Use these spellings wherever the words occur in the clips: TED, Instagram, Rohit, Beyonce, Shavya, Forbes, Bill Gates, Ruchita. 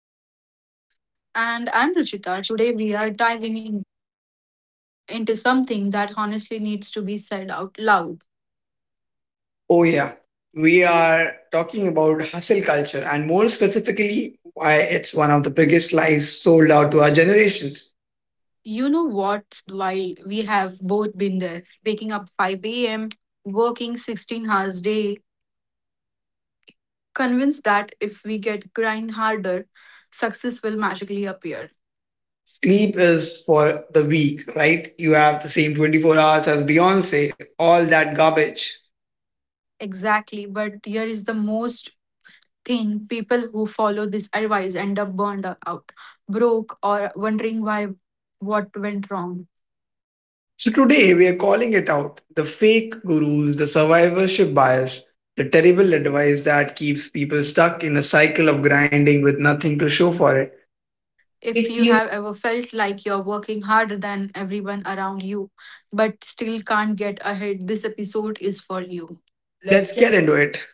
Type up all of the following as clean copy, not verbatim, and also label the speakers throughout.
Speaker 1: I'm Rohit.
Speaker 2: And I'm Ruchita. Today we are diving into something that honestly needs to be said out loud.
Speaker 1: Oh, yeah, we are talking about hustle culture and more specifically, why it's one of the biggest lies sold out to our generations.
Speaker 2: You know what? While we have both been there, waking up 5 a.m., working 16 hours a day, convinced that if we get grind harder, success will magically appear.
Speaker 1: Sleep is for the weak, right? You have the same 24 hours as Beyonce, all that garbage.
Speaker 2: Exactly. But here is the most thing people who follow this advice end up burned out, broke, or wondering why what went wrong.
Speaker 1: So today we are calling it out, the fake gurus, the survivorship bias, the terrible advice that keeps people stuck in a cycle of grinding with nothing to show for it.
Speaker 2: If
Speaker 1: If
Speaker 2: you
Speaker 1: you
Speaker 2: have ever felt like you're working harder than everyone around you, but still can't get ahead, this episode is for you.
Speaker 1: let's get into it.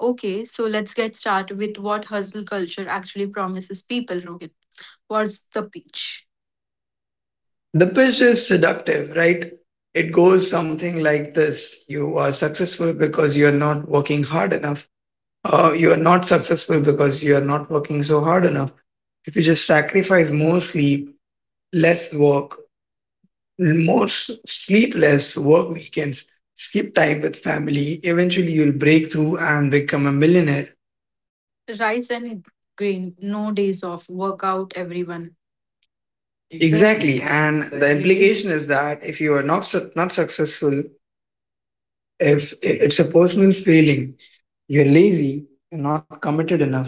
Speaker 2: Okay, so let's get started with what hustle culture actually promises people, Rohit. What's the pitch?
Speaker 1: The pitch is seductive, right? It goes something like this: you are successful because you are not working hard enough. You are not successful because you are not working so hard enough. If you just sacrifice more sleep, less work, more sleep, less work weekends, skip time with family, eventually you'll break through and become a millionaire.
Speaker 2: Rise and grind, no days off, work out everyone. Exactly,
Speaker 1: Exactly. And
Speaker 2: and the
Speaker 1: the
Speaker 2: implication.
Speaker 1: implication is that if you are not, not successful, if it's a personal failing, you're lazy and not committed enough.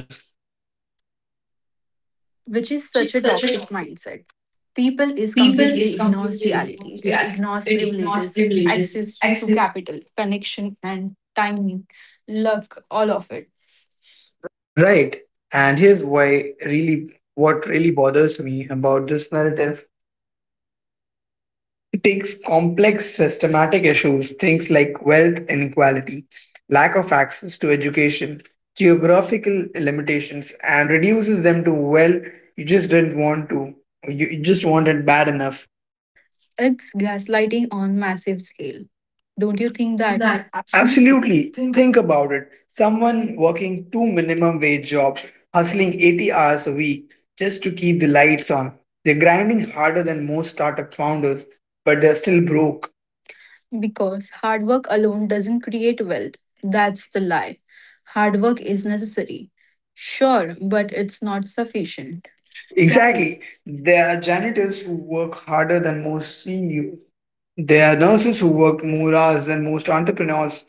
Speaker 2: Which
Speaker 1: Which
Speaker 2: is
Speaker 1: is
Speaker 2: such a
Speaker 1: such a
Speaker 2: toxic
Speaker 1: topic.
Speaker 2: mindset. People
Speaker 1: People
Speaker 2: is
Speaker 1: is
Speaker 2: completely
Speaker 1: completely
Speaker 2: ignores
Speaker 1: ignores
Speaker 2: reality.
Speaker 1: reality.
Speaker 2: It
Speaker 1: It
Speaker 2: ignores
Speaker 1: ignores
Speaker 2: privileges,
Speaker 1: privileges,
Speaker 2: access
Speaker 1: access.
Speaker 2: to capital, connection and timing, luck, all of it.
Speaker 1: Right. And here's why really what really bothers me about this narrative. It takes complex systematic issues, things like wealth inequality, lack of access to education, geographical limitations, and reduces them to, well, you just didn't want to. You just want it bad enough.
Speaker 2: It's gaslighting on massive scale. Don't you
Speaker 1: You
Speaker 2: think
Speaker 1: think
Speaker 2: that?
Speaker 1: that?
Speaker 2: Absolutely.
Speaker 1: Absolutely.
Speaker 2: Think
Speaker 1: Think about it. Someone working two minimum wage job, hustling 80 hours a week just to keep the lights on. They're grinding harder than most startup founders, but they're still broke.
Speaker 2: Because hard work alone doesn't create wealth. That's the lie. Hard work is necessary. Sure, but it's not sufficient. Exactly.
Speaker 1: Exactly. There are janitors who work harder than most CEOs. There are nurses who work more hours than most entrepreneurs,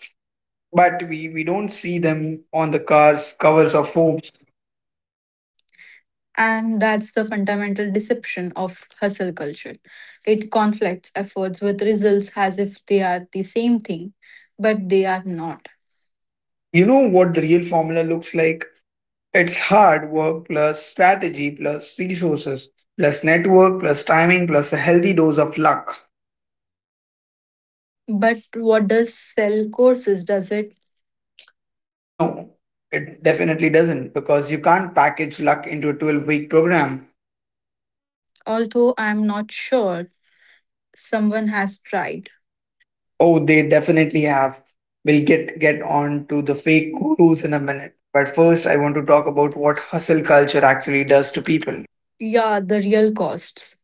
Speaker 1: but we don't see them on the cars, covers of Forbes.
Speaker 2: And that's the fundamental deception of hustle culture. It conflicts efforts with results as if they are the same thing, but they are not.
Speaker 1: You know what the real formula looks like? It's hard work plus strategy plus resources plus network plus timing plus a healthy dose of luck.
Speaker 2: But what does sell courses? Does it?
Speaker 1: No, it definitely doesn't because you can't package luck into a 12-week program.
Speaker 2: Although I'm not sure someone has tried.
Speaker 1: Oh, they definitely have. We'll get on to the fake gurus in a minute. But first I
Speaker 2: I
Speaker 1: want
Speaker 2: want
Speaker 1: to
Speaker 2: to talk
Speaker 1: talk about
Speaker 2: about what
Speaker 1: what
Speaker 2: hustle
Speaker 1: hustle
Speaker 2: culture
Speaker 1: culture actually
Speaker 2: actually does
Speaker 1: does
Speaker 2: to
Speaker 1: to people.
Speaker 2: people. Yeah, the real costs.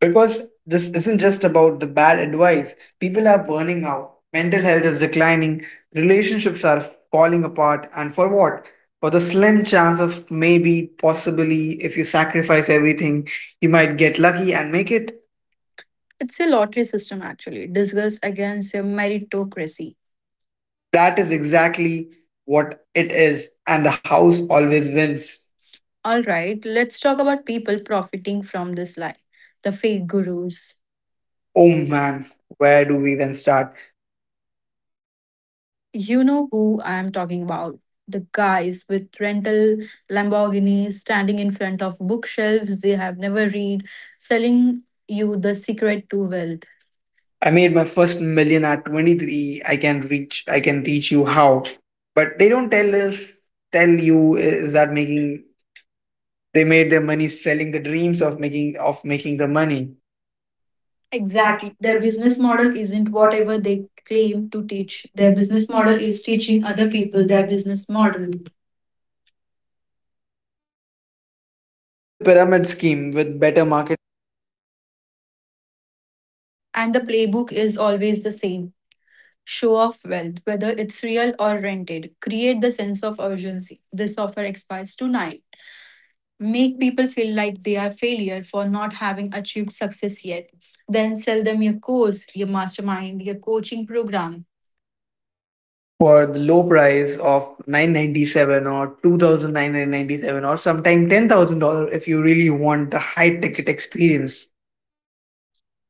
Speaker 1: Because
Speaker 2: Because
Speaker 1: this
Speaker 2: this
Speaker 1: isn't
Speaker 2: isn't
Speaker 1: just
Speaker 2: just about
Speaker 1: about the
Speaker 2: the
Speaker 1: bad
Speaker 2: bad
Speaker 1: advice.
Speaker 2: advice. People
Speaker 1: People are
Speaker 2: are
Speaker 1: burning out. Mental health is declining. Relationships are falling apart. And for what? For the slim chance of maybe, possibly, if you sacrifice everything, you might get lucky and make it.
Speaker 2: It's a lottery system actually, disguised against a meritocracy.
Speaker 1: That is exactly what it is. And the house always wins.
Speaker 2: All right, let's talk about people profiting from this lie the fake gurus.
Speaker 1: Oh
Speaker 2: Mm.
Speaker 1: man, where do we even start?
Speaker 2: You know who I am talking about. The guys with rental Lamborghinis standing in front of bookshelves they have never read, selling you the secret to wealth.
Speaker 1: I made my first million at 23. I can teach you how. But they don't tell you is that making they made their money selling the dreams of making the money. Exactly.
Speaker 2: Exactly. Their
Speaker 1: Their
Speaker 2: business
Speaker 1: business
Speaker 2: model
Speaker 1: model is
Speaker 2: isn't
Speaker 1: whatever
Speaker 2: whatever
Speaker 1: they
Speaker 2: they
Speaker 1: do.
Speaker 2: claim to teach. Their
Speaker 1: Their business
Speaker 2: business model
Speaker 1: model
Speaker 2: is
Speaker 1: is
Speaker 2: teaching
Speaker 1: teaching
Speaker 2: other
Speaker 1: other
Speaker 2: people
Speaker 1: people
Speaker 2: their
Speaker 1: their
Speaker 2: business
Speaker 1: business
Speaker 2: model.
Speaker 1: model. It's a pyramid scheme with better market
Speaker 2: And the playbook is always the same. Show off wealth, whether it's real or rented. Create the sense of urgency. This offer expires tonight. Make people feel like they are failure for not having achieved success yet. Then sell them your course, your mastermind, your coaching program.
Speaker 1: for the low price of 997 or 2997 or sometime $10,000 if you really want the high ticket experience.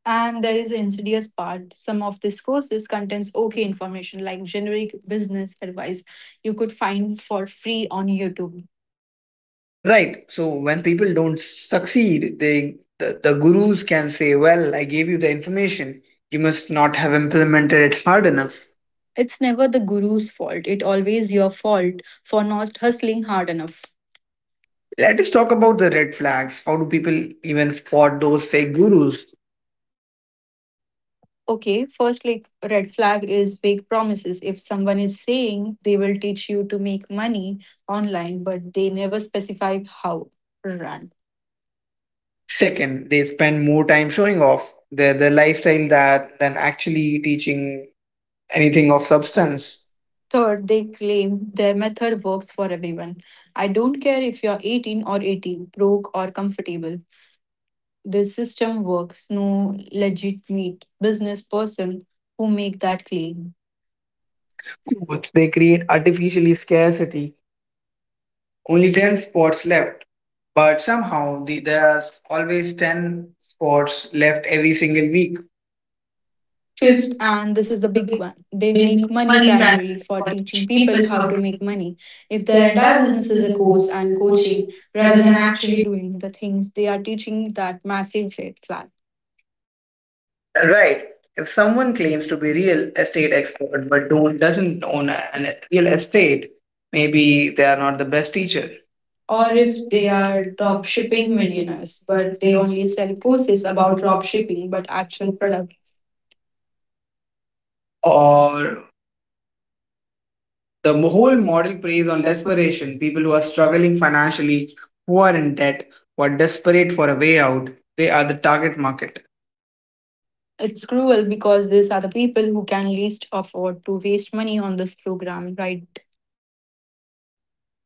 Speaker 2: And there is an insidious part. Some of these courses contains okay information like generic business advice you could find for free on YouTube.
Speaker 1: Right. So when people don't succeed, the gurus can say, "Well, I gave you the information. You must not have implemented it hard
Speaker 2: Hard enough.
Speaker 1: enough."
Speaker 2: It's never the guru's fault. It always your fault for not hustling hard enough.
Speaker 1: Let us talk about the red flags. How do people even spot those fake gurus?
Speaker 2: Okay, first like red flag is vague promises. If someone is saying they will teach you to make money online, but they never specify how run. Second,
Speaker 1: Second, they spend more time showing off their lifestyle that than actually teaching anything
Speaker 2: of
Speaker 1: of
Speaker 2: substance.
Speaker 1: substance.
Speaker 2: Third, they claim their method works for everyone. I don't care if you're 18 or 80, broke or comfortable. This system works. No legitimate business person who make that claim.
Speaker 1: Foods, they create artificially scarcity. Only 10 spots left, but there's always 10 spots left every single week.
Speaker 2: Fifth,
Speaker 1: Shift
Speaker 2: and this is the big one, they
Speaker 1: in
Speaker 2: make money
Speaker 1: 20 brands
Speaker 2: primarily for
Speaker 1: for
Speaker 2: teaching
Speaker 1: teaching
Speaker 2: people
Speaker 1: people
Speaker 2: how
Speaker 1: how
Speaker 2: to
Speaker 1: to
Speaker 2: make
Speaker 1: make
Speaker 2: money. If their
Speaker 1: their
Speaker 2: entire
Speaker 1: entire
Speaker 2: business
Speaker 1: business
Speaker 2: is
Speaker 1: is
Speaker 2: a
Speaker 1: a
Speaker 2: course
Speaker 1: course
Speaker 2: and
Speaker 1: and coaching
Speaker 2: coaching rather
Speaker 1: rather
Speaker 2: than
Speaker 1: than
Speaker 2: actually
Speaker 1: actually
Speaker 2: doing the things they are teaching, that massive red flag.
Speaker 1: right. If someone claims to be real estate expert but don't doesn't own an real estate, maybe they are not the best
Speaker 2: Yeah.
Speaker 1: teacher.
Speaker 2: Or
Speaker 1: Or
Speaker 2: if
Speaker 1: if
Speaker 2: they
Speaker 1: they are
Speaker 2: are drop
Speaker 1: drop
Speaker 2: shipping
Speaker 1: shipping
Speaker 2: millionaires,
Speaker 1: millionaires, but
Speaker 2: but they
Speaker 1: they
Speaker 2: only
Speaker 1: always
Speaker 2: sell
Speaker 1: do
Speaker 2: courses
Speaker 1: courses
Speaker 2: about
Speaker 1: about
Speaker 2: drop
Speaker 1: drop shipping,
Speaker 2: shipping but
Speaker 1: but
Speaker 2: actual product.
Speaker 1: or the
Speaker 2: The whole
Speaker 1: whole
Speaker 2: model
Speaker 1: model
Speaker 2: is
Speaker 1: preys
Speaker 2: on
Speaker 1: on
Speaker 2: desperate.
Speaker 1: desperation people who are struggling financially who are in debt who are desperate for a way out, they are the target market.
Speaker 2: It's cruel because these are the people who can least afford to waste money on this program, right?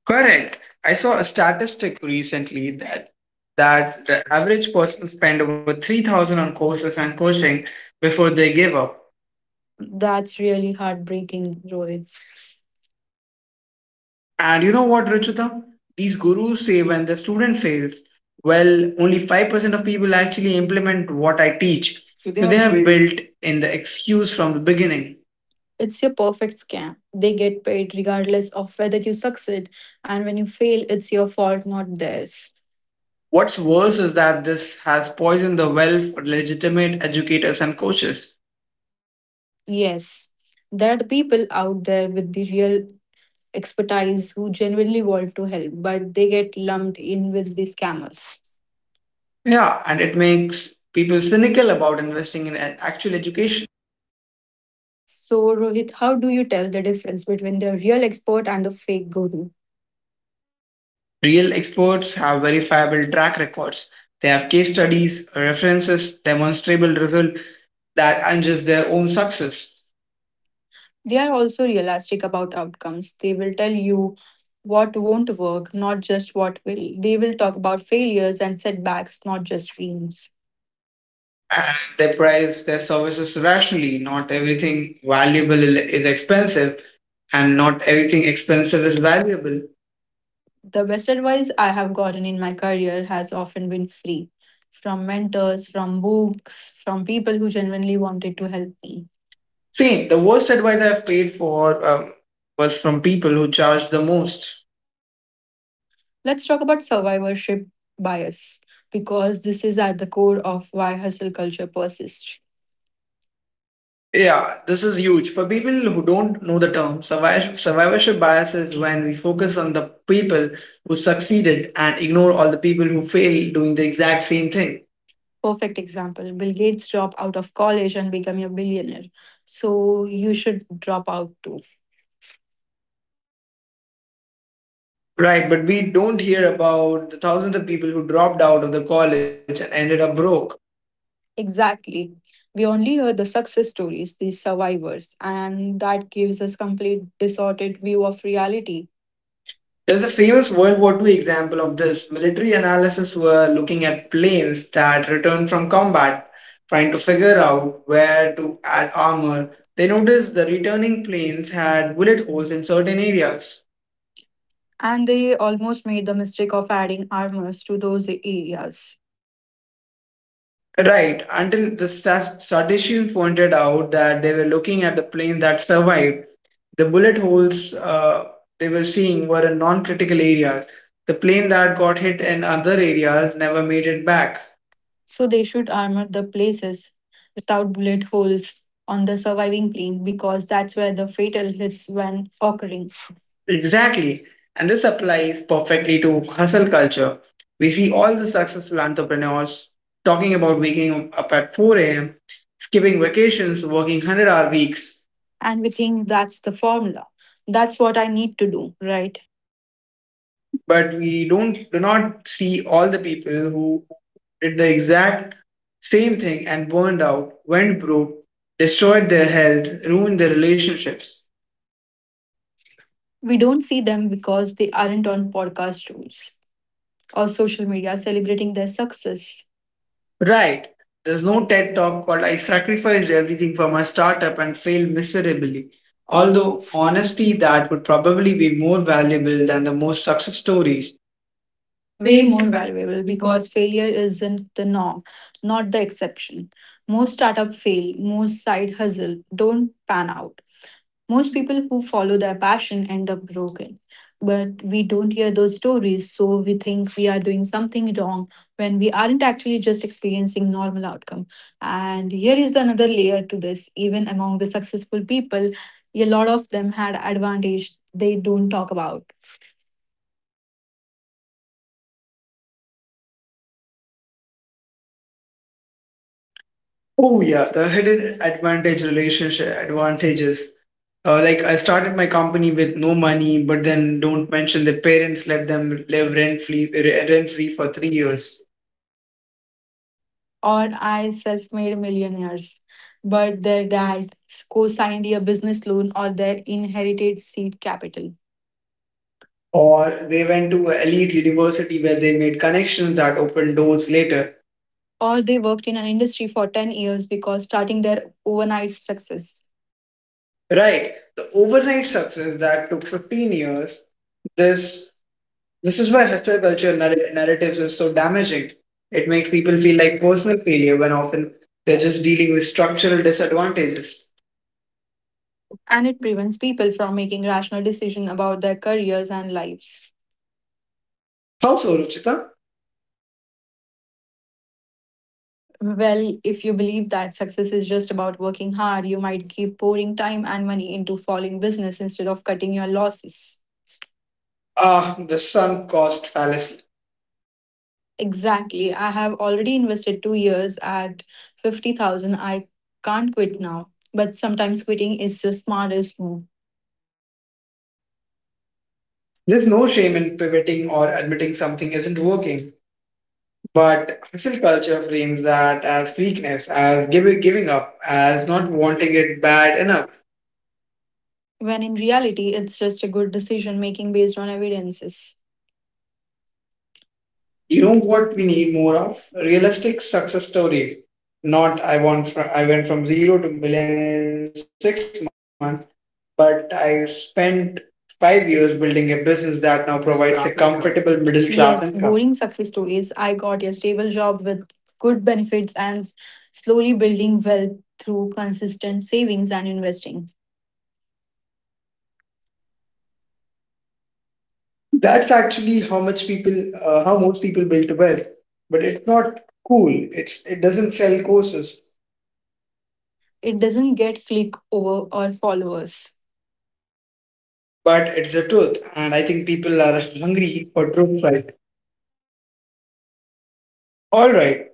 Speaker 1: Correct. I saw a statistic recently that the average person spend over 3,000 on courses and coaching before they give up.
Speaker 2: That's really heartbreaking, Rohit.
Speaker 1: And you know what, Ruchita? These gurus say when the student fails, well, only 5% of people actually implement what I teach.
Speaker 2: So they
Speaker 1: So they
Speaker 2: have
Speaker 1: have
Speaker 2: built
Speaker 1: built in the excuse from the beginning.
Speaker 2: It's your perfect scam. They get paid regardless of whether you succeed, and when you fail, it's your fault, not theirs.
Speaker 1: What's worse is that this has poisoned the well for legitimate educators and coaches.
Speaker 2: Yes, there are the people out there with the real expertise who genuinely want to help, but they get lumped in with the scammers.
Speaker 1: Yeah, and it makes people cynical about investing in actual education.
Speaker 2: So, Rohit, how do you tell the difference between the real expert and the fake guru?
Speaker 1: Real experts have verifiable track records. They have case studies, references, demonstrable results that aren't just their own success.
Speaker 2: They are also realistic about outcomes. They will tell you what won't work, not just what will. They will talk about failures and setbacks, not just dreams.
Speaker 1: And they price their services rationally. Not everything valuable is expensive, and not everything expensive is valuable.
Speaker 2: The best advice I have gotten in my career has often been free from mentors, from books, from people who genuinely wanted to help me.
Speaker 1: See, the worst advice I've paid for was from people who charge the most.
Speaker 2: Let's talk about survivorship bias because this is at the core of why hustle culture persists.
Speaker 1: Yeah, this is huge. For people who don't know the term, survivorship bias is when we focus on the people who succeeded and ignore all the people who failed doing the exact same thing.
Speaker 2: Perfect example Bill Gates dropped out of college and became a billionaire. So you should drop out too.
Speaker 1: Right, but we don't hear about the thousands of people who dropped out of the college and ended up broke.
Speaker 2: Exactly. We only hear the success stories, the survivors, and that gives us complete distorted view of reality.
Speaker 1: There's
Speaker 2: There's
Speaker 1: a
Speaker 2: a
Speaker 1: famous
Speaker 2: famous
Speaker 1: World
Speaker 2: World
Speaker 1: War
Speaker 2: War
Speaker 1: II
Speaker 2: Two
Speaker 1: example
Speaker 2: example
Speaker 1: of
Speaker 2: of this.
Speaker 1: this. Military
Speaker 2: Military
Speaker 1: analysts
Speaker 2: analysts
Speaker 1: were
Speaker 2: were
Speaker 1: looking
Speaker 2: looking at
Speaker 1: at
Speaker 2: planes
Speaker 1: planes that
Speaker 2: that
Speaker 1: returned
Speaker 2: returned from
Speaker 1: from
Speaker 2: combat,
Speaker 1: combat, trying
Speaker 2: trying
Speaker 1: to
Speaker 2: to
Speaker 1: figure
Speaker 2: figure out
Speaker 1: out where
Speaker 2: where
Speaker 1: to
Speaker 2: to
Speaker 1: add
Speaker 2: add
Speaker 1: armor.
Speaker 2: armor.
Speaker 1: They noticed the returning planes had bullet holes in certain areas.
Speaker 2: And they almost made the mistake of adding armors to those areas.
Speaker 1: Right, until the statisticians pointed out that they were looking at the plane that survived. The bullet holes they were seeing were in non critical areas. The plane that got hit in other areas never made it back.
Speaker 2: So they should armor the places without bullet holes on the surviving plane because that's where the fatal hits when occurring.
Speaker 1: Exactly. And this applies perfectly to hustle culture. We see all the successful entrepreneurs talking about waking up at 4 a.m., skipping vacations, working 100-hour weeks.
Speaker 2: And we think that's the formula. That's what I need to do, right?
Speaker 1: But we don't do not see all the people who did the exact same thing and burned out, went broke, destroyed their health, ruined their relationships.
Speaker 2: We don't see them because they aren't on podcast rules, or social media celebrating their success.
Speaker 1: Right. There's no TED talk called I sacrificed everything for my startup and failed miserably.
Speaker 2: Although,
Speaker 1: Although, honestly,
Speaker 2: honestly,
Speaker 1: that
Speaker 2: that
Speaker 1: would probably be more valuable than the most success stories.
Speaker 2: way
Speaker 1: Way more
Speaker 2: more
Speaker 1: valuable
Speaker 2: valuable
Speaker 1: because
Speaker 2: because failure isn't the norm, not the exception. Most startup fail, most side hustle don't pan out. Most people who follow their passion end up broken. But we don't hear those stories, so we think we are doing something wrong when we aren't actually just experiencing normal outcome. And here is another layer to this. Even among the successful people, a lot of them had advantage they don't talk about.
Speaker 1: oh yeah, the hidden advantage relationship advantages. Like I started my company with no money, but then don't mention the parents let them live rent free for 3 years.
Speaker 2: Or I self made millionaires, but their dad co signed a business loan or their inherited seed capital.
Speaker 1: Or they went to an elite university where they made connections that opened doors later.
Speaker 2: Or they worked in an industry for 10 years because starting their overnight success.
Speaker 1: Right. The overnight success that took 15 years, this this is why hustle culture narratives is so damaging. It makes people feel like personal failure when often they're just dealing with structural disadvantages.
Speaker 2: And it prevents people from making rational decisions about their careers and lives.
Speaker 1: How so, Ruchita?
Speaker 2: Well, if you believe that success is just about working hard, you might keep pouring time and money into falling business instead of cutting your losses.
Speaker 1: Ah, the sunk cost fallacy.
Speaker 2: Exactly. I have already invested 2 years at 50,000. I can't quit now. But sometimes quitting is the smartest move.
Speaker 1: There's no shame in pivoting or admitting something isn't working, but hustle culture frames that as weakness, as giving up, as not wanting it bad enough.
Speaker 2: When in reality, it's just a good decision making based on evidences.
Speaker 1: You
Speaker 2: You know
Speaker 1: know
Speaker 2: what
Speaker 1: what we
Speaker 2: we
Speaker 1: need
Speaker 2: need
Speaker 1: more
Speaker 2: more of?
Speaker 1: of?
Speaker 2: Realistic
Speaker 1: Realistic success stories. Not I went from zero to millionaire in 6 months, but I spent 5 years building a business that now
Speaker 2: middle
Speaker 1: provides a
Speaker 2: class income.
Speaker 1: comfortable middle class
Speaker 2: Yes,
Speaker 1: income.
Speaker 2: boring success stories. I got a stable job with good benefits and slowly building wealth through consistent savings and investing.
Speaker 1: That's actually how most people build wealth. But it's not cool. It doesn't sell courses,
Speaker 2: It doesn't get click over or followers.
Speaker 1: but it's the truth, and I think people are hungry for truth. Right? All right.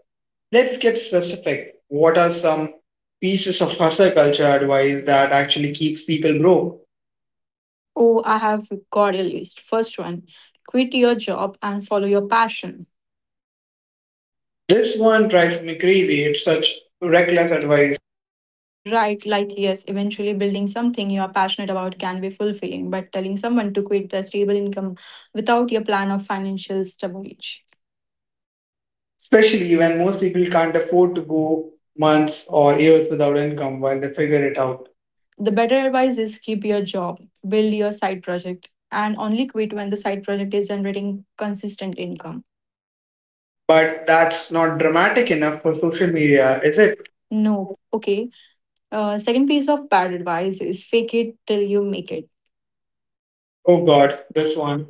Speaker 1: Let's get specific. What are some pieces of hustle culture advice that actually keeps people broke?
Speaker 2: Oh, I have got a list. First one, quit your job and follow your passion.
Speaker 1: This one drives me crazy. It's such reckless advice,
Speaker 2: Right, like yes, eventually building something you are passionate about can be fulfilling, but telling someone to quit their stable income without your plan of financial stability.
Speaker 1: especially when most people can't afford to go months or years without income while they figure it out.
Speaker 2: The better advice is keep your job, build your side project, and only quit when the side project is generating consistent income.
Speaker 1: But that's not dramatic enough for social media,
Speaker 2: Is
Speaker 1: is
Speaker 2: it?
Speaker 1: it?
Speaker 2: No, okay. Second piece of bad advice is fake it till you make it.
Speaker 1: Oh God, this one.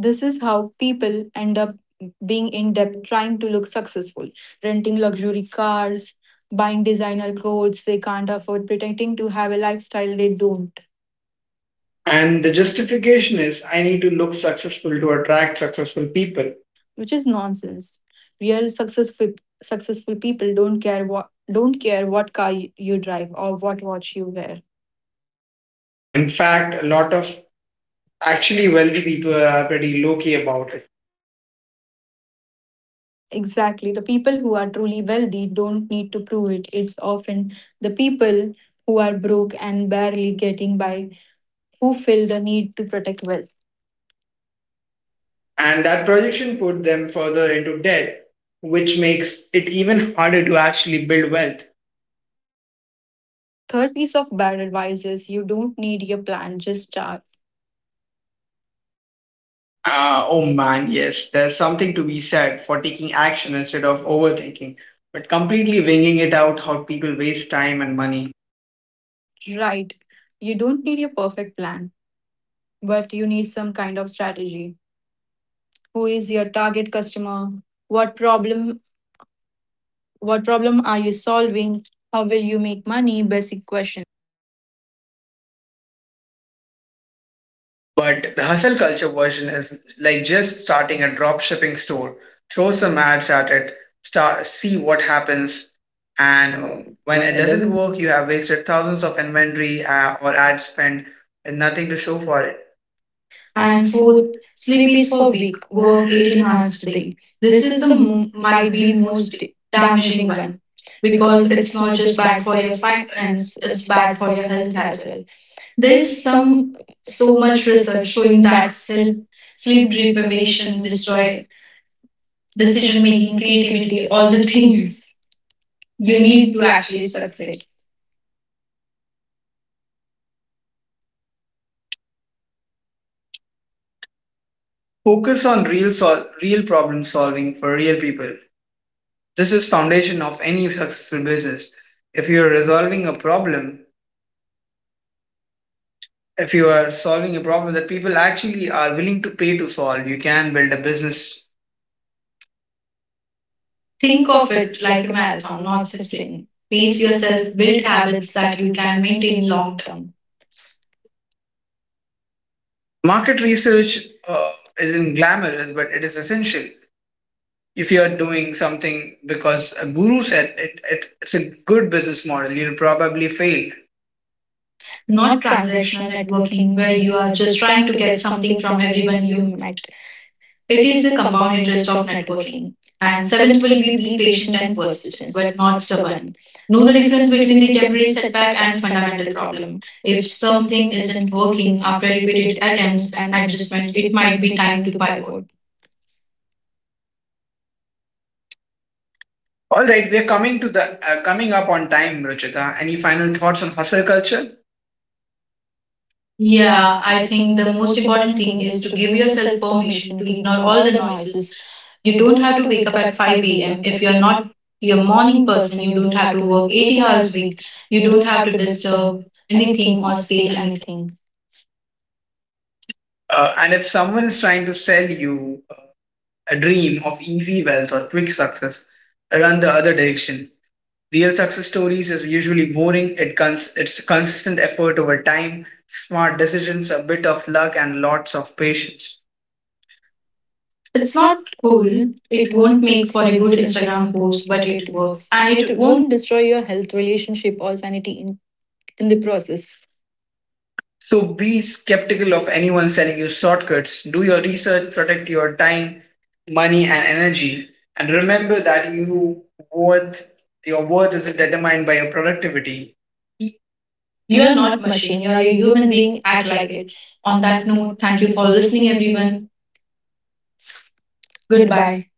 Speaker 2: This is how people end up being in debt trying to look successful, renting luxury cars, buying designer clothes they can't afford, pretending to have a lifestyle they don't.
Speaker 1: And
Speaker 2: And
Speaker 1: the
Speaker 2: the
Speaker 1: justification
Speaker 2: justification
Speaker 1: is I need to look successful to attract successful people.
Speaker 2: which is nonsense. Real successful people don't care what car you drive or what watch you wear.
Speaker 1: In fact, a lot of Actually, wealthy people are pretty low key about it.
Speaker 2: Exactly. The people who are truly wealthy don't need to prove it. It's often the people who are broke and barely getting by who feel the need to protect wealth.
Speaker 1: And that projection put them further into debt, which makes it even harder to actually build wealth.
Speaker 2: Third piece of bad advice is you don't need your plan, just start.
Speaker 1: Oh man, yes, there's something to be said for taking action instead of overthinking, but completely winging it out how people waste time and money.
Speaker 2: Right. You don't need your perfect plan, but you need some kind of strategy. Who is your target customer? What problem what problem are you solving? How will you make money? Basic question.
Speaker 1: But the hustle culture version is like just starting a drop shipping store, throw some ads at it, start see what happens, and
Speaker 2: And
Speaker 1: when
Speaker 2: when
Speaker 1: it
Speaker 2: it
Speaker 1: doesn't
Speaker 2: doesn't
Speaker 1: work, you have wasted thousands of inventory or ad spend and nothing to show for it. And
Speaker 2: And
Speaker 1: fourth,
Speaker 2: fourth,
Speaker 1: sleep
Speaker 2: sleep
Speaker 1: is
Speaker 2: is
Speaker 1: for
Speaker 2: for
Speaker 1: weak,
Speaker 2: weak,
Speaker 1: work
Speaker 2: work
Speaker 1: eighteen
Speaker 2: 18
Speaker 1: hours
Speaker 2: hours
Speaker 1: a
Speaker 2: a
Speaker 1: day.
Speaker 2: day.
Speaker 1: This
Speaker 2: This
Speaker 1: is
Speaker 2: is
Speaker 1: the
Speaker 2: the
Speaker 1: might
Speaker 2: might be
Speaker 1: be most
Speaker 2: most
Speaker 1: damaging
Speaker 2: damaging
Speaker 1: one
Speaker 2: one
Speaker 1: because
Speaker 2: because
Speaker 1: it's
Speaker 2: it's
Speaker 1: not
Speaker 2: not
Speaker 1: just
Speaker 2: just
Speaker 1: bad
Speaker 2: bad
Speaker 1: for
Speaker 2: for
Speaker 1: your
Speaker 2: your
Speaker 1: finances,
Speaker 2: finance,
Speaker 1: it's
Speaker 2: it's
Speaker 1: bad
Speaker 2: bad
Speaker 1: for
Speaker 2: for
Speaker 1: your
Speaker 2: your
Speaker 1: health
Speaker 2: health
Speaker 1: as
Speaker 2: as
Speaker 1: well.
Speaker 2: well. There's
Speaker 1: There's
Speaker 2: some
Speaker 1: some So
Speaker 2: so
Speaker 1: much
Speaker 2: much
Speaker 1: research
Speaker 2: research
Speaker 1: showing
Speaker 2: showing
Speaker 1: that
Speaker 2: that
Speaker 1: self
Speaker 2: sleep
Speaker 1: sleep
Speaker 2: sleep
Speaker 1: deprivation
Speaker 2: deprivation
Speaker 1: destroy
Speaker 2: destroy
Speaker 1: decision
Speaker 2: decision
Speaker 1: making,
Speaker 2: making,
Speaker 1: creativity,
Speaker 2: creativity,
Speaker 1: all
Speaker 2: all
Speaker 1: the
Speaker 2: the
Speaker 1: things
Speaker 2: things
Speaker 1: you
Speaker 2: you
Speaker 1: need
Speaker 2: need
Speaker 1: to
Speaker 2: to
Speaker 1: actually
Speaker 2: actually
Speaker 1: succeed.
Speaker 2: succeed.
Speaker 1: Focus on real real problem solving for real people. This is foundation of any successful business. If you are resolving a problem, If you are solving a problem that people actually are willing to pay to solve, you can build a business. Think
Speaker 2: Think
Speaker 1: of
Speaker 2: of
Speaker 1: it
Speaker 2: it
Speaker 1: like a
Speaker 2: like a
Speaker 1: marathon,
Speaker 2: marathon,
Speaker 1: not
Speaker 2: not
Speaker 1: a
Speaker 2: a
Speaker 1: sprint.
Speaker 2: sprint.
Speaker 1: Pace
Speaker 2: Pace yourself,
Speaker 1: yourself, build
Speaker 2: build
Speaker 1: habits
Speaker 2: habits
Speaker 1: that
Speaker 2: that
Speaker 1: you
Speaker 2: you
Speaker 1: can
Speaker 2: can maintain
Speaker 1: maintain long.
Speaker 2: long term.
Speaker 1: Market research uh, isn't glamorous, but it is essential. If you are doing something because a guru said it, it's a good business model, you'll probably fail. Not
Speaker 2: Not
Speaker 1: transactional
Speaker 2: transactional
Speaker 1: networking,
Speaker 2: networking
Speaker 1: where
Speaker 2: where
Speaker 1: you
Speaker 2: you
Speaker 1: are
Speaker 2: are
Speaker 1: just
Speaker 2: just
Speaker 1: trying
Speaker 2: trying
Speaker 1: to
Speaker 2: to
Speaker 1: get
Speaker 2: get
Speaker 1: something
Speaker 2: something
Speaker 1: from
Speaker 2: from
Speaker 1: everyone
Speaker 2: everyone
Speaker 1: you
Speaker 2: you
Speaker 1: meet.
Speaker 2: met.
Speaker 1: It
Speaker 2: It
Speaker 1: is
Speaker 2: is
Speaker 1: a
Speaker 2: a
Speaker 1: compound
Speaker 2: compound
Speaker 1: interest
Speaker 2: interest
Speaker 1: of
Speaker 2: of
Speaker 1: networking.
Speaker 2: networking.
Speaker 1: And
Speaker 2: And
Speaker 1: seventh
Speaker 2: seventh
Speaker 1: will
Speaker 2: will be
Speaker 1: be
Speaker 2: be
Speaker 1: patient
Speaker 2: patient
Speaker 1: and
Speaker 2: and
Speaker 1: persistent,
Speaker 2: persistence,
Speaker 1: but
Speaker 2: but
Speaker 1: not
Speaker 2: not
Speaker 1: stubborn.
Speaker 2: stubborn.
Speaker 1: Know
Speaker 2: Know
Speaker 1: the
Speaker 2: the
Speaker 1: difference
Speaker 2: difference
Speaker 1: between
Speaker 2: between
Speaker 1: the
Speaker 2: the
Speaker 1: temporary
Speaker 2: temporary
Speaker 1: setback
Speaker 2: setback
Speaker 1: and
Speaker 2: and
Speaker 1: fundamental
Speaker 2: fundamental
Speaker 1: problem.
Speaker 2: problem.
Speaker 1: If
Speaker 2: If
Speaker 1: something
Speaker 2: something
Speaker 1: isn't
Speaker 2: isn't
Speaker 1: working
Speaker 2: working
Speaker 1: after
Speaker 2: after
Speaker 1: repeated
Speaker 2: repeated
Speaker 1: attempts
Speaker 2: attempts
Speaker 1: and
Speaker 2: and
Speaker 1: adjustment,
Speaker 2: adjustment,
Speaker 1: it
Speaker 2: it
Speaker 1: might
Speaker 2: might
Speaker 1: be
Speaker 2: be
Speaker 1: time
Speaker 2: time
Speaker 1: to
Speaker 2: to
Speaker 1: pivot.
Speaker 2: pivot.
Speaker 1: All right, we're coming to the coming up on time, Ruchita. Any final thoughts on hustle culture? Yeah,
Speaker 2: Yeah,
Speaker 1: I
Speaker 2: I
Speaker 1: think
Speaker 2: think
Speaker 1: the
Speaker 2: the
Speaker 1: most
Speaker 2: most
Speaker 1: important
Speaker 2: important
Speaker 1: thing
Speaker 2: thing
Speaker 1: is
Speaker 2: is
Speaker 1: to
Speaker 2: to
Speaker 1: give
Speaker 2: give
Speaker 1: yourself
Speaker 2: yourself
Speaker 1: permission
Speaker 2: permission
Speaker 1: to
Speaker 2: to
Speaker 1: ignore
Speaker 2: ignore
Speaker 1: all
Speaker 2: all
Speaker 1: the
Speaker 2: the
Speaker 1: noises.
Speaker 2: noises.
Speaker 1: You
Speaker 2: You
Speaker 1: don't
Speaker 2: don't
Speaker 1: have to
Speaker 2: have to
Speaker 1: wake
Speaker 2: wake
Speaker 1: up
Speaker 2: up
Speaker 1: at
Speaker 2: at
Speaker 1: 5
Speaker 2: 5
Speaker 1: a.m.
Speaker 2: a.m.
Speaker 1: If
Speaker 2: If
Speaker 1: you're
Speaker 2: you're not
Speaker 1: not your
Speaker 2: a
Speaker 1: morning
Speaker 2: morning
Speaker 1: person,
Speaker 2: person,
Speaker 1: you
Speaker 2: you
Speaker 1: don't
Speaker 2: don't
Speaker 1: have
Speaker 2: have
Speaker 1: to
Speaker 2: to
Speaker 1: work
Speaker 2: work
Speaker 1: 80
Speaker 2: 80
Speaker 1: hours a
Speaker 2: hours a
Speaker 1: week.
Speaker 2: week.
Speaker 1: You
Speaker 2: You
Speaker 1: don't
Speaker 2: don't
Speaker 1: have
Speaker 2: have
Speaker 1: to
Speaker 2: to
Speaker 1: disturb
Speaker 2: disturb
Speaker 1: anything
Speaker 2: anything
Speaker 1: or
Speaker 2: or
Speaker 1: scale
Speaker 2: scale
Speaker 1: anything.
Speaker 2: anything.
Speaker 1: And if someone is trying to sell you a dream of easy wealth or quick success, run the other direction. Real success stories is usually boring. It it's consistent effort over time, smart decisions, a bit of luck, and lots of patience. It's
Speaker 2: It's
Speaker 1: not
Speaker 2: not
Speaker 1: cool.
Speaker 2: cool.
Speaker 1: It
Speaker 2: It
Speaker 1: won't
Speaker 2: won't
Speaker 1: make
Speaker 2: make
Speaker 1: for
Speaker 2: for
Speaker 1: a
Speaker 2: a
Speaker 1: good
Speaker 2: good
Speaker 1: Instagram
Speaker 2: Instagram
Speaker 1: post,
Speaker 2: post,
Speaker 1: but
Speaker 2: but
Speaker 1: it
Speaker 2: it
Speaker 1: works.
Speaker 2: works.
Speaker 1: And
Speaker 2: And
Speaker 1: it
Speaker 2: it
Speaker 1: won't
Speaker 2: won't destroy your health, relationship, or sanity in the process.
Speaker 1: so be skeptical of anyone selling you shortcuts. Do your research, protect your time, money, and energy, and remember that worth your worth is not determined by your productivity. You
Speaker 2: You
Speaker 1: are
Speaker 2: are
Speaker 1: not
Speaker 2: not
Speaker 1: machine,
Speaker 2: machine.
Speaker 1: you are
Speaker 2: You are
Speaker 1: a
Speaker 2: a
Speaker 1: human
Speaker 2: human
Speaker 1: being.
Speaker 2: being.
Speaker 1: Act
Speaker 2: Act
Speaker 1: like
Speaker 2: like
Speaker 1: it.
Speaker 2: it.
Speaker 1: On
Speaker 2: On
Speaker 1: that
Speaker 2: that
Speaker 1: note,
Speaker 2: note,
Speaker 1: thank
Speaker 2: thank
Speaker 1: you
Speaker 2: you
Speaker 1: for
Speaker 2: for
Speaker 1: listening,
Speaker 2: listening,
Speaker 1: everyone.
Speaker 2: everyone.
Speaker 1: Goodbye.
Speaker 2: Goodbye.